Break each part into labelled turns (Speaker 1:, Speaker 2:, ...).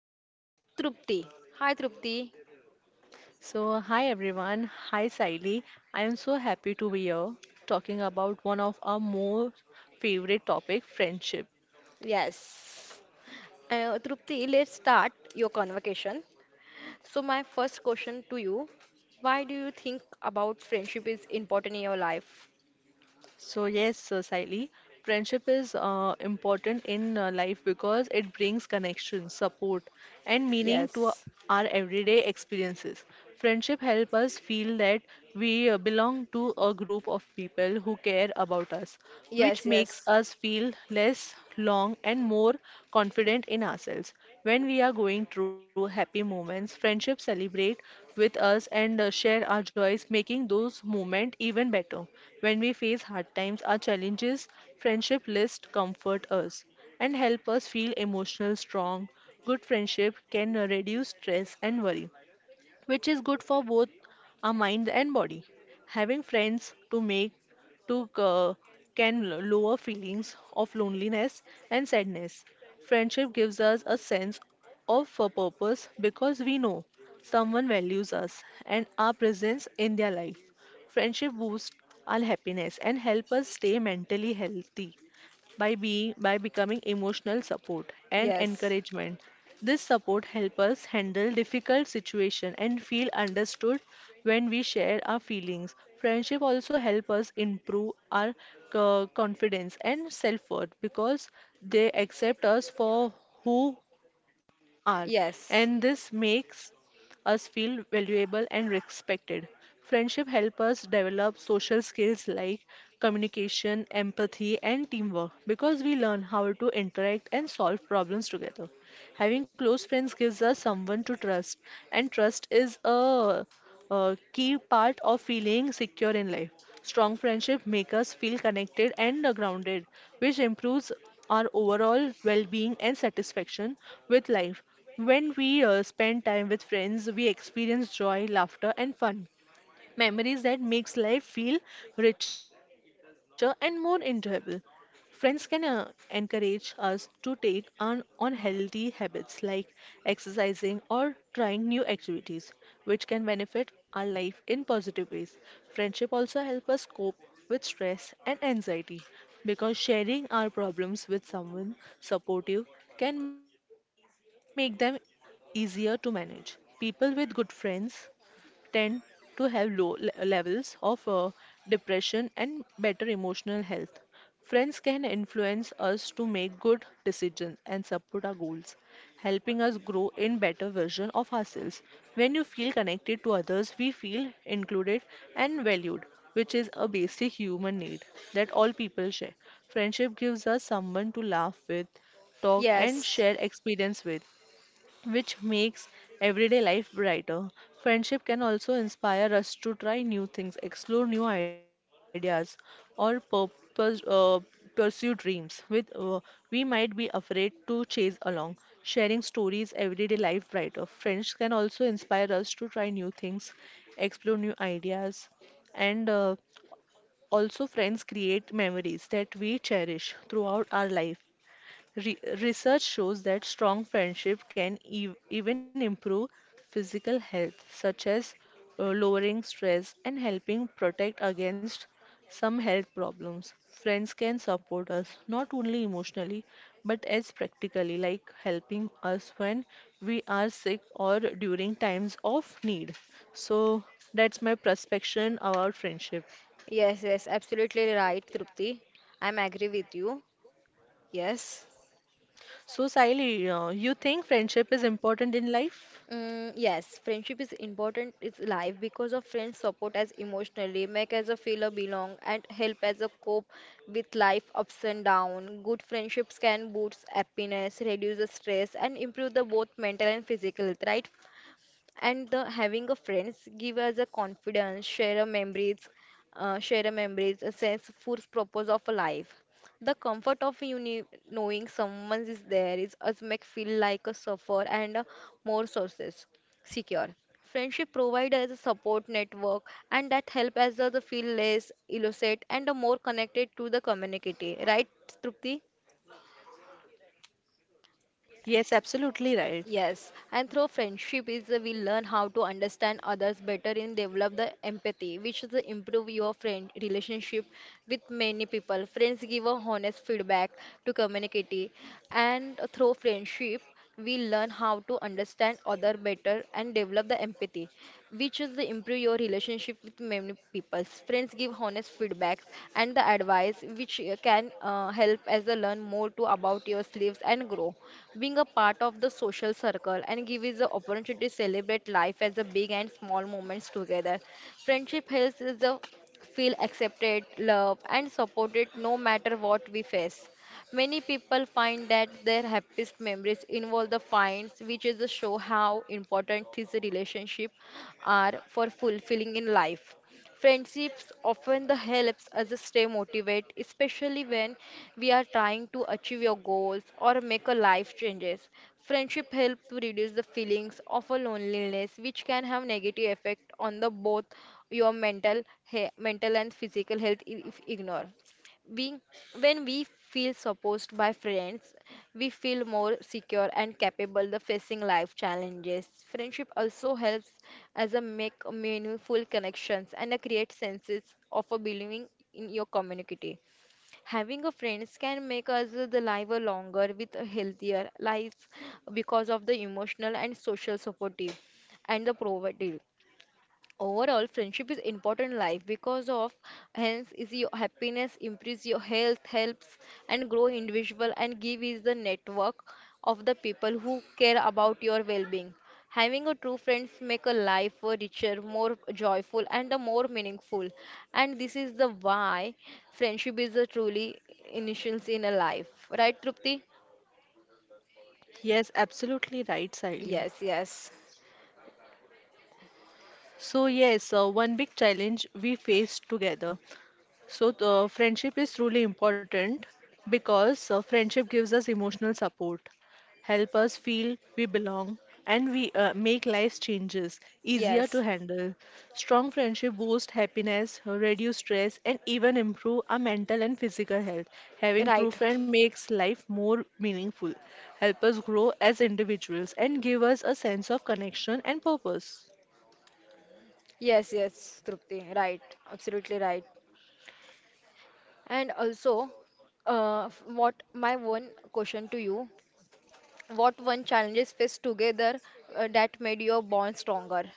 Speaker 1: host Trupti. Hi Trupti.
Speaker 2: So, hi everyone. Hi Saili. I am so happy to be here talking about one of our most favorite topic, friendship.
Speaker 1: Yes. Trupti, let's start your conversation. So, my first question to you, why do you think about friendship is important in your life?
Speaker 2: So yes, Saili, friendship is important in life because it brings connection, support, and meaning to
Speaker 1: Yes.
Speaker 2: our everyday experiences. Friendship help us feel that we belong to a group of people who care about us,
Speaker 1: Yes,
Speaker 2: which makes
Speaker 1: yes.
Speaker 2: us feel less long and more confident in ourselves. When we are going through happy moments, friendships celebrate with us and share our joys, making those moments even better. When we face hard times, our challenges, friendship list comfort us and help us feel emotional strong. Good friendship can reduce stress and worry, which is good for both our mind and body. Having friends to make to can lower feelings of loneliness and sadness. Friendship gives us a sense of a purpose because we know someone values us and our presence in their life. Friendship boosts our happiness and help us stay mentally healthy by becoming emotional support and
Speaker 1: Yes.
Speaker 2: encouragement. This support helps us handle difficult situations and feel understood when we share our feelings. Friendship also helps us improve our confidence and self-worth because they accept us for who are, and
Speaker 1: Yes.
Speaker 2: this makes us feel valuable and respected. Friendship help us develop social skills like communication, empathy, and teamwork because we learn how to interact and solve problems together. Having close friends gives us someone to trust, and a key part of feeling secure in life. Strong friendship make us feel connected and grounded, which improves our overall well-being and satisfaction with life. When we spend time with friends, we experience joy, laughter, and fun memories that makes life feel richer and more enjoyable. Friends can encourage us to take on healthy habits like exercising or trying new activities, which can benefit our life in positive ways. Friendship also help us cope with stress and anxiety because sharing our problems with someone supportive can make them easier to manage. People with good friends tend to have low levels of depression and better emotional health. Friends can influence us to make good decisions and support our goals, helping us grow in better version of ourselves. When you feel connected to others, we feel included and valued, which is a basic human need that all people share. Friendship gives us someone to laugh with, talk and
Speaker 1: Yes.
Speaker 2: share experience with, which makes everyday life brighter. Friendship can also inspire us to try new things, explore new ideas, or pursue dreams with we might be afraid to chase along. Sharing stories everyday life brighter. Friends can also inspire us to try new things, explore new ideas, and also friends create memories that we cherish throughout our life. Research shows that strong friendship can ev even improve physical health, such as lowering stress and helping protect against some health problems. Friends can support us not only emotionally but as practically, like helping us when we are sick or during times of need. So that's my perspective about friendship.
Speaker 1: Yes, yes, absolutely right, Trupti. I'm agree with you. Yes.
Speaker 2: So, Sally, you think friendship is important in life?
Speaker 1: Yes, friendship is important. It's life because of friends support us emotionally, make us a feel a belong, and help us a cope with life ups and down. Good friendships can boost happiness, reduce the stress, and improve the both mental and physical health. Right, and the having a friends give us a confidence share a memories a sense full purpose of a life, the comfort of knowing someone is there is us make feel like a suffer and a more sources secure. Friendship provide as a support network and that help us the feel less illicit and a more connected to the community, right Trupti?
Speaker 2: Yes, absolutely right.
Speaker 1: Yes, and through friendship is we learn how to understand others better and develop the empathy, which is the improve your friend relationship with many people. Friends give a honest feedback to community, and through friendship we learn how to understand other better and develop the empathy, which is the improve your relationship with many people. Friends give honest feedbacks and the advice, which can help as a learn more to about your sleeves and grow, being a part of the social circle and give us the opportunity to celebrate life as a big and small moments together. Friendship helps us the feel accepted, loved, and supported no matter what we face. Many people find that their happiest memories involve the finds, which is to show how important these relationships are for fulfilling in life. Friendships often the helps us stay motivated, especially when we are trying to achieve your goals or make a life changes. Friendship help to reduce the feelings of a loneliness, which can have negative effect on the both your mental and physical health if ignored being when we feel supported by friends, we feel more secure and capable of facing life challenges. Friendship also helps as a make meaningful connections and a create senses of a belonging in your community. Having a friends can make us the life a longer with a healthier life because of the emotional and social supportive and the provided. Overall, friendship is important in life because of hence is your happiness, improves your health, helps and grow individual and give is the network of the people who care about your well-being. Having a true friends make a life richer, more joyful and a more meaningful. And this is the why friendship is a truly initials in a life. Right, Trupti?
Speaker 2: Yes, absolutely right, Sally.
Speaker 1: Yes, yes.
Speaker 2: So, yes, one big challenge we faced together. So, the friendship is truly important because friendship gives us emotional support, help us feel we belong, and we make life's changes easier to
Speaker 1: Yes.
Speaker 2: handle. Strong friendship boosts happiness, reduce stress, and even improve our mental and physical health. Having
Speaker 1: Right.
Speaker 2: true friend makes life more meaningful, help us grow as individuals, and give us a sense of connection and purpose.
Speaker 1: Yes, yes, Trupti. Right. Absolutely right. And also, what my one question to you, what one challenges faced together that made your bond stronger?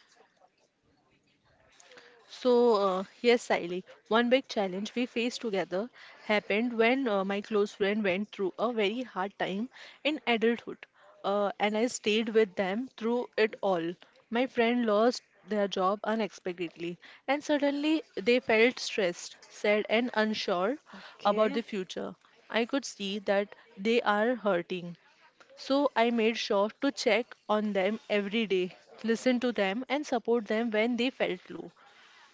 Speaker 2: So, yes, Saili, one big challenge we faced together happened when my close friend went through a very hard time in adulthood, and I stayed with them through it all. My friend lost their job unexpectedly, and suddenly they felt stressed, sad, and unsure about the
Speaker 1: Okay.
Speaker 2: future. I could see that they are hurting. So I made sure to check on them every day, listen to them, and support them when they felt low.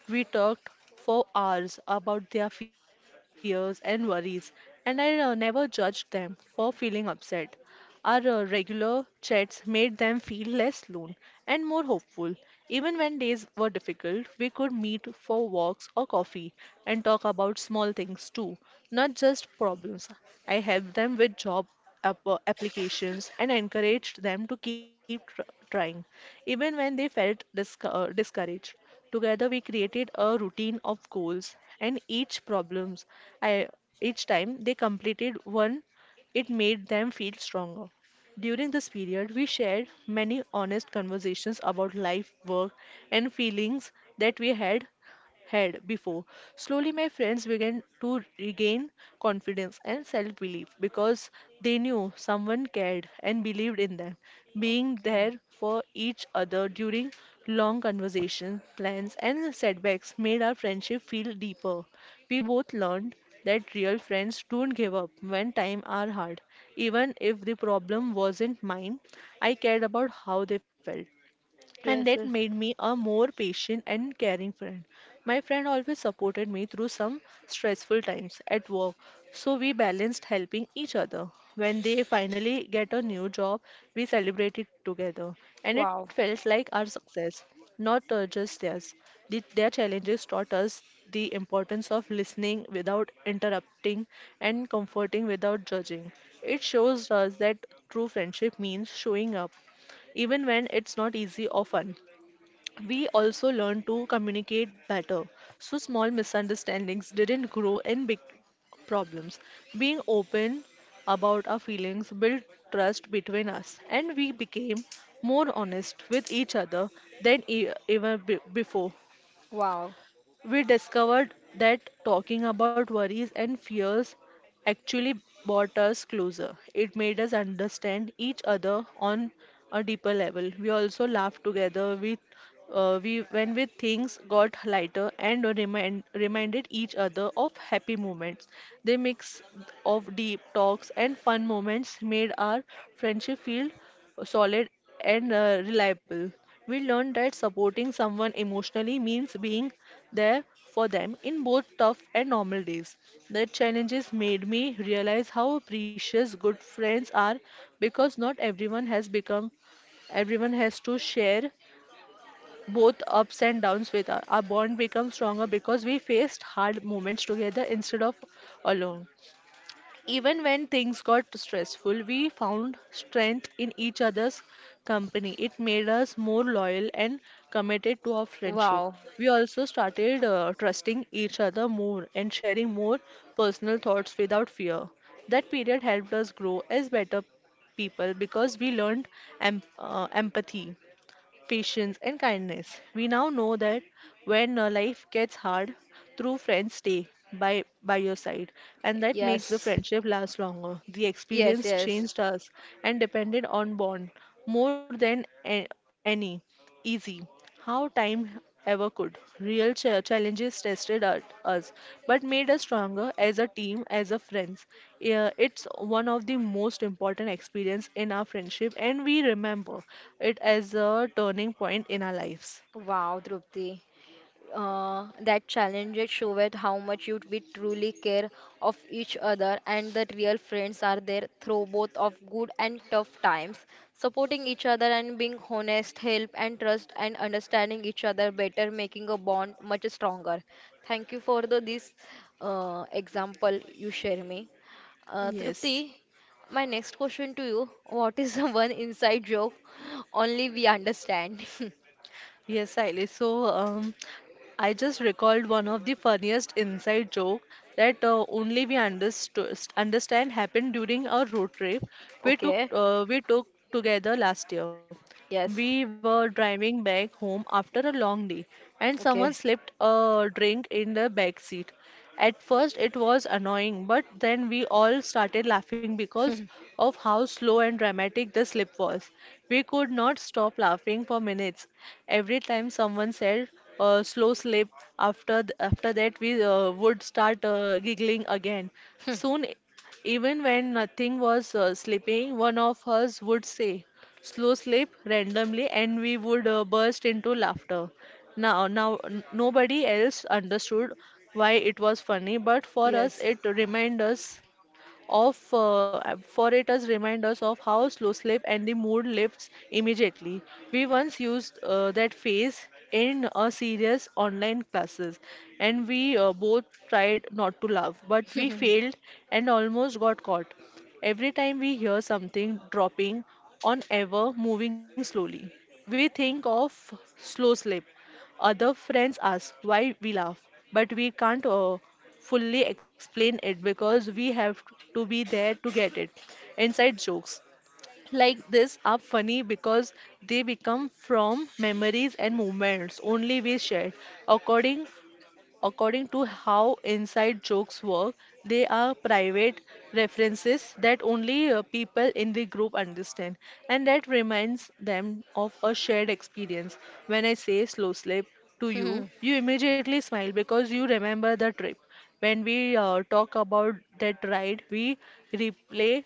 Speaker 2: We talked for hours about their fears and worries, and I never judged them for feeling upset. Our regular chats made them feel less alone and more hopeful. Even when days were difficult, we could meet for walks or coffee and talk about small things too, not just problems. I helped them with job applications and encouraged them to keep trying, even when they felt discouraged. Together we created a routine of goals and each problems I, each time they completed one it made them feel stronger. During this period we shared many honest conversations about life, work and feelings that we had before. Slowly, my friends began to regain confidence and self belief because they knew someone cared and believed in them. Being
Speaker 1: Okay.
Speaker 2: there for each other during long conversations, plans, and setbacks made our friendship feel deeper. We both learned that real friends don't give up when time are hard. Even if the problem wasn't mine, I cared about how they felt and that
Speaker 1: Yes, yes.
Speaker 2: made me a more patient and caring friend. My friend always supported me through some stressful times at work, so we balanced helping each other. When they finally get a new job, we celebrated together, and it
Speaker 1: Wow.
Speaker 2: felt like our success, not just theirs. Their challenges taught us the importance of listening without interrupting and comforting without judging. It shows us that true friendship means showing up even when it's not easy often. We also learn to communicate better, so small misunderstandings didn't grow in big problems. Being open about our feelings built trust between us, and we became more honest with each other than ever before.
Speaker 1: Wow.
Speaker 2: We discovered that talking about worries and fears actually brought us closer. It made us understand each other on a deeper level. We also laughed together. We when we things got lighter and reminded each other of happy moments. The mix of deep talks and fun moments made our friendship feel solid and reliable. We learned that supporting someone emotionally means being there for them in both tough and normal days. The challenges made me realize how precious good friends are because not everyone has become everyone has to share both ups and downs with us. Our bond becomes stronger because we faced hard moments together instead of alone. Even when things got stressful, we found strength in each other's company. It made us more loyal and committed to our friendship.
Speaker 1: Wow.
Speaker 2: We also started trusting each other more and sharing more personal thoughts without fear. That period helped us grow as better people because we learned empathy, patience, and kindness. We now know that when life gets hard, true friends stay by your side, and that makes the
Speaker 1: Yes.
Speaker 2: friendship last longer. The
Speaker 1: Yes,
Speaker 2: experience
Speaker 1: yes.
Speaker 2: changed us and depended on bond more than any easy. How time ever could. Real challenges tested at us, but made us stronger as a team, as a friends. Yeah, it's one of the most important experience in our friendship, and we remember it as a turning point in our lives.
Speaker 1: Wow, Drupti. That challenges showed how much you we truly care of each other, and that real friends are there through both of good and tough times, supporting each other and being honest help and trust and understanding each other better, making a bond much stronger. Thank you for the this example you share me, Trupti,
Speaker 2: Yes.
Speaker 1: my next question to you, what is the one inside joke only we understand
Speaker 2: Yes, Sally. So, I just recalled one of the funniest inside joke that only we understood understand happened during our road trip
Speaker 1: okay
Speaker 2: we took together last year. We
Speaker 1: yes
Speaker 2: were driving back home after a long day, and someone
Speaker 1: okay
Speaker 2: slipped a drink in the back seat. At first, it was annoying, but then we all started laughing because of how slow and dramatic the slip was. We could not stop laughing for minutes. Every time someone said slow slip, after after that we would start giggling again. Soon even when nothing was sleeping, one of us would say, slow sleep randomly, and we would burst into laughter. Nobody else understood why it was funny, but for us,
Speaker 1: Yes.
Speaker 2: it reminded us of for it as reminders of how slow slip and the mood lifts immediately. We once used that phase in a serious online classes, and we both tried not to laugh, but we failed and almost got caught. Every time we hear something dropping on ever moving slowly, we think of slow slip. Other friends ask why we laugh, but we can't fully explain it because we have to be there to get it. Inside jokes like this are funny because they become from memories and moments only we shared. According According to how inside jokes work, they are private references that only people in the group understand, and that reminds them of a shared experience. When I say slow slip to you, you immediately smile because you remember the trip. When we talk about that ride, we replay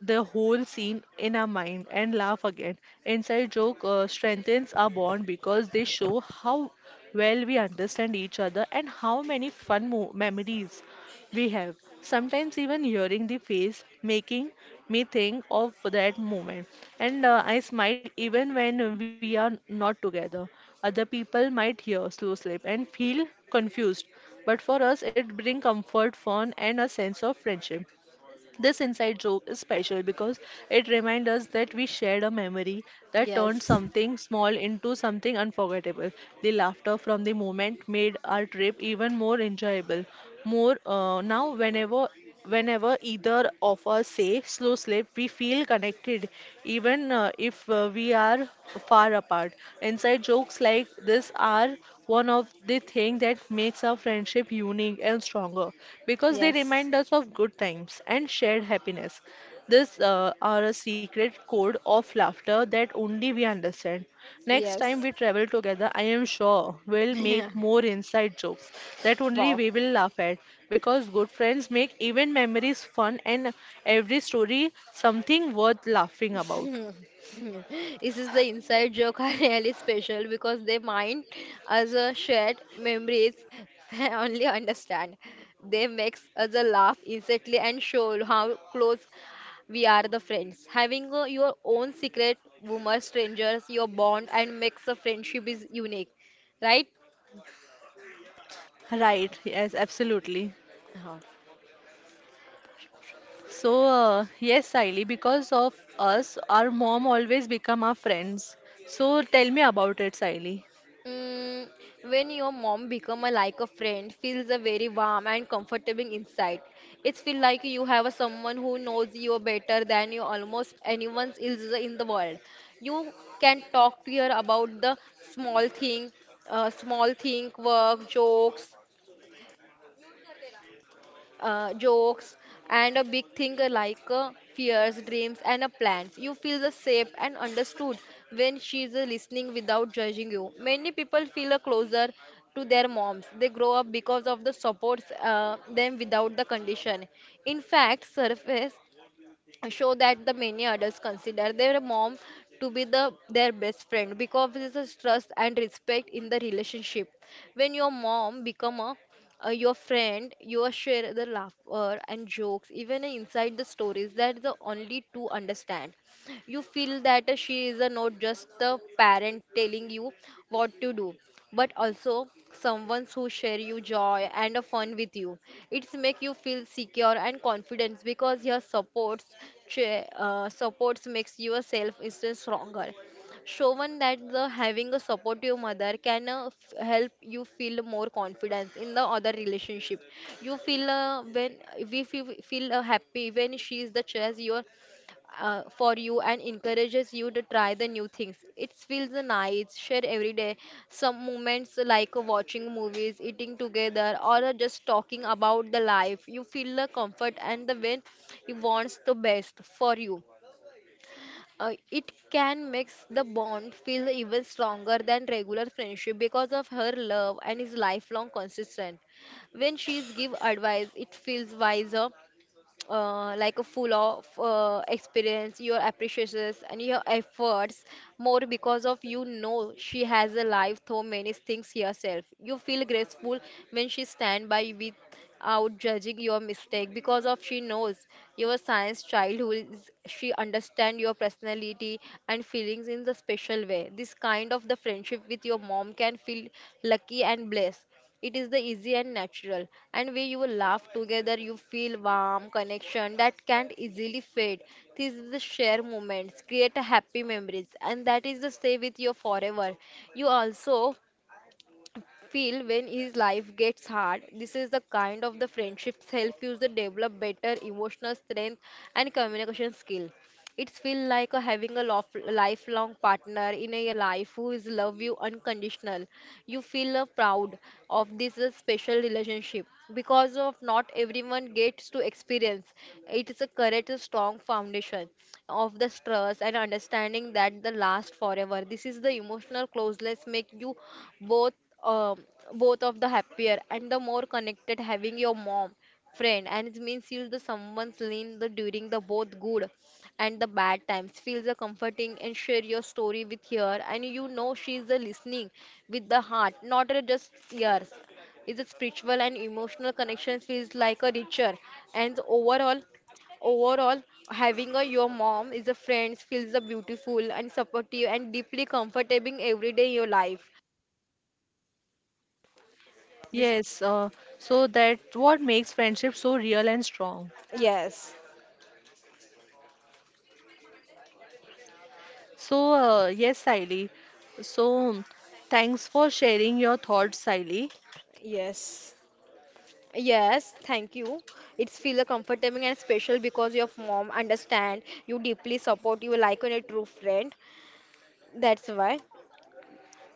Speaker 2: the whole scene in our mind and laugh again. Inside joke strengthens our bond because they show how well we understand each other and how many fun memories we have. Sometimes even hearing the face making me think of that moment, and I smile even when we are not together. Other people might hear slow slip and feel confused, but for us it brings comfort, fun, and a sense of friendship. This inside joke is special because it reminds us that we shared a memory that turned
Speaker 1: Yes.
Speaker 2: something small into something unforgettable. The laughter from the moment made our trip even more enjoyable. More now, whenever whenever either of us say slow slip, we feel connected, even if we are far apart. Inside jokes like this are one of the thing that makes our friendship unique and stronger because they
Speaker 1: Yes.
Speaker 2: remind us of good times and shared happiness. These are a secret code of laughter that only we understand. Next time
Speaker 1: Yes.
Speaker 2: we travel together, I am sure we'll
Speaker 1: Yeah.
Speaker 2: make more inside jokes that only
Speaker 1: Wow.
Speaker 2: we will laugh at because good friends make even memories fun and every story something worth laughing about.
Speaker 1: This is the inside joke are really special because they mind as a shared memories we only understand. They makes us a laugh instantly and show how close we are the friends. Having your own secret boomer strangers, your bond and makes the friendship is unique, right?
Speaker 2: Right, yes, absolutely. So, yes, Saili, because of us, our mom always become our friends. So, tell me about it, Saili.
Speaker 1: Mm, when your mom become a like a friend, feels a very warm and comfortable inside. It's feel like you have a someone who knows you better than you almost anyone else in the world. You can talk to her about the small thing, work, jokes, jokes and a big thing like fears dreams and plans. You feel the safe and understood when she is listening without judging you. Many people feel closer to their moms they grow up because of the supports them without the condition. In fact surface show that the many adults consider their mom to be the their best friend because there is a trust and respect in the relationship. When your mom become a your friend, you are share the laughter and jokes even inside the stories that the only two understand. You feel that she is a not just the parent telling you what to do, but also someone who share you joy and a fun with you. It's make you feel secure and confidence because your supports supports makes your self esteem stronger, shown that the having a supportive mother can help you feel more confidence in the other relationship. You feel when we feel happy when she is the chess your for you and encourages you to try the new things. It feels nice, share every day. Some moments like watching movies, eating together, or just talking about the life. You feel the comfort and the when you wants the best for you. It can make the bond feel even stronger than regular friendship because of her love and is lifelong consistent. When she's give advice, it feels wiser like a full of experience, your appreciations and your efforts more because of you know she has a life through many things herself. You feel grateful when she stand by without judging your mistake because of she knows your science childhood. She understand your personality and feelings in the special way. This kind of the friendship with your mom can feel lucky and blessed. It is the easy and natural, and where you will laugh together, you feel warm connection that can't easily fade. This is the share moments, create a happy memories, and that is the stay with you forever. You also feel when his life gets hard. This is the kind of the friendships help you to develop better emotional strength and communication skill. It's feel like a having a lifelong partner in a life who is love you unconditional. You feel proud of this special relationship because of not everyone gets to experience. It is a correct a strong foundation of the trust and understanding that the last forever. This is the emotional closeness make you both um, both of the happier and the more connected, having your mom friend, and it means you'll the someone's lean the during the both good and the bad times feels the comforting and share your story with her, and you know she's the listening with the heart not a just ears. Is a spiritual and emotional connection feels like a richer and overall having a your mom is a friend feels a beautiful and supportive and deeply comforting every day in your life, this.
Speaker 2: Yes, so that what makes friendship so real and strong.
Speaker 1: Yes,
Speaker 2: So, yes, Saili. So, thanks for sharing your thoughts, Saili.
Speaker 1: yes, yes, thank you. It's feel a comfortable and special because your mom understand you deeply support you like on a true friend. That's why.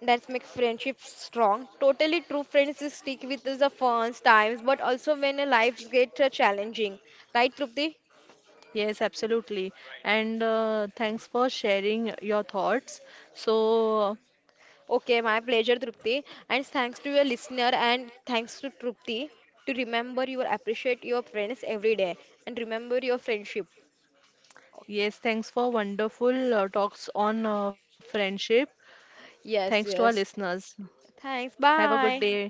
Speaker 1: That's make friendship strong. Totally true friends is stick with us the fun times, but also when a lives get challenging. Right, Trupti?
Speaker 2: Yes, absolutely. And thanks for sharing your thoughts. So,
Speaker 1: Okay, my pleasure, Trupti. And thanks to your listener and thanks to Trupti to remember you appreciate your friends every day and remember your friendship.
Speaker 2: yes, thanks for wonderful talks on friendship. Thanks to
Speaker 1: Yes,
Speaker 2: our
Speaker 1: yes.
Speaker 2: listeners.
Speaker 1: Thanks.
Speaker 2: Have a good
Speaker 1: Bye.
Speaker 2: day.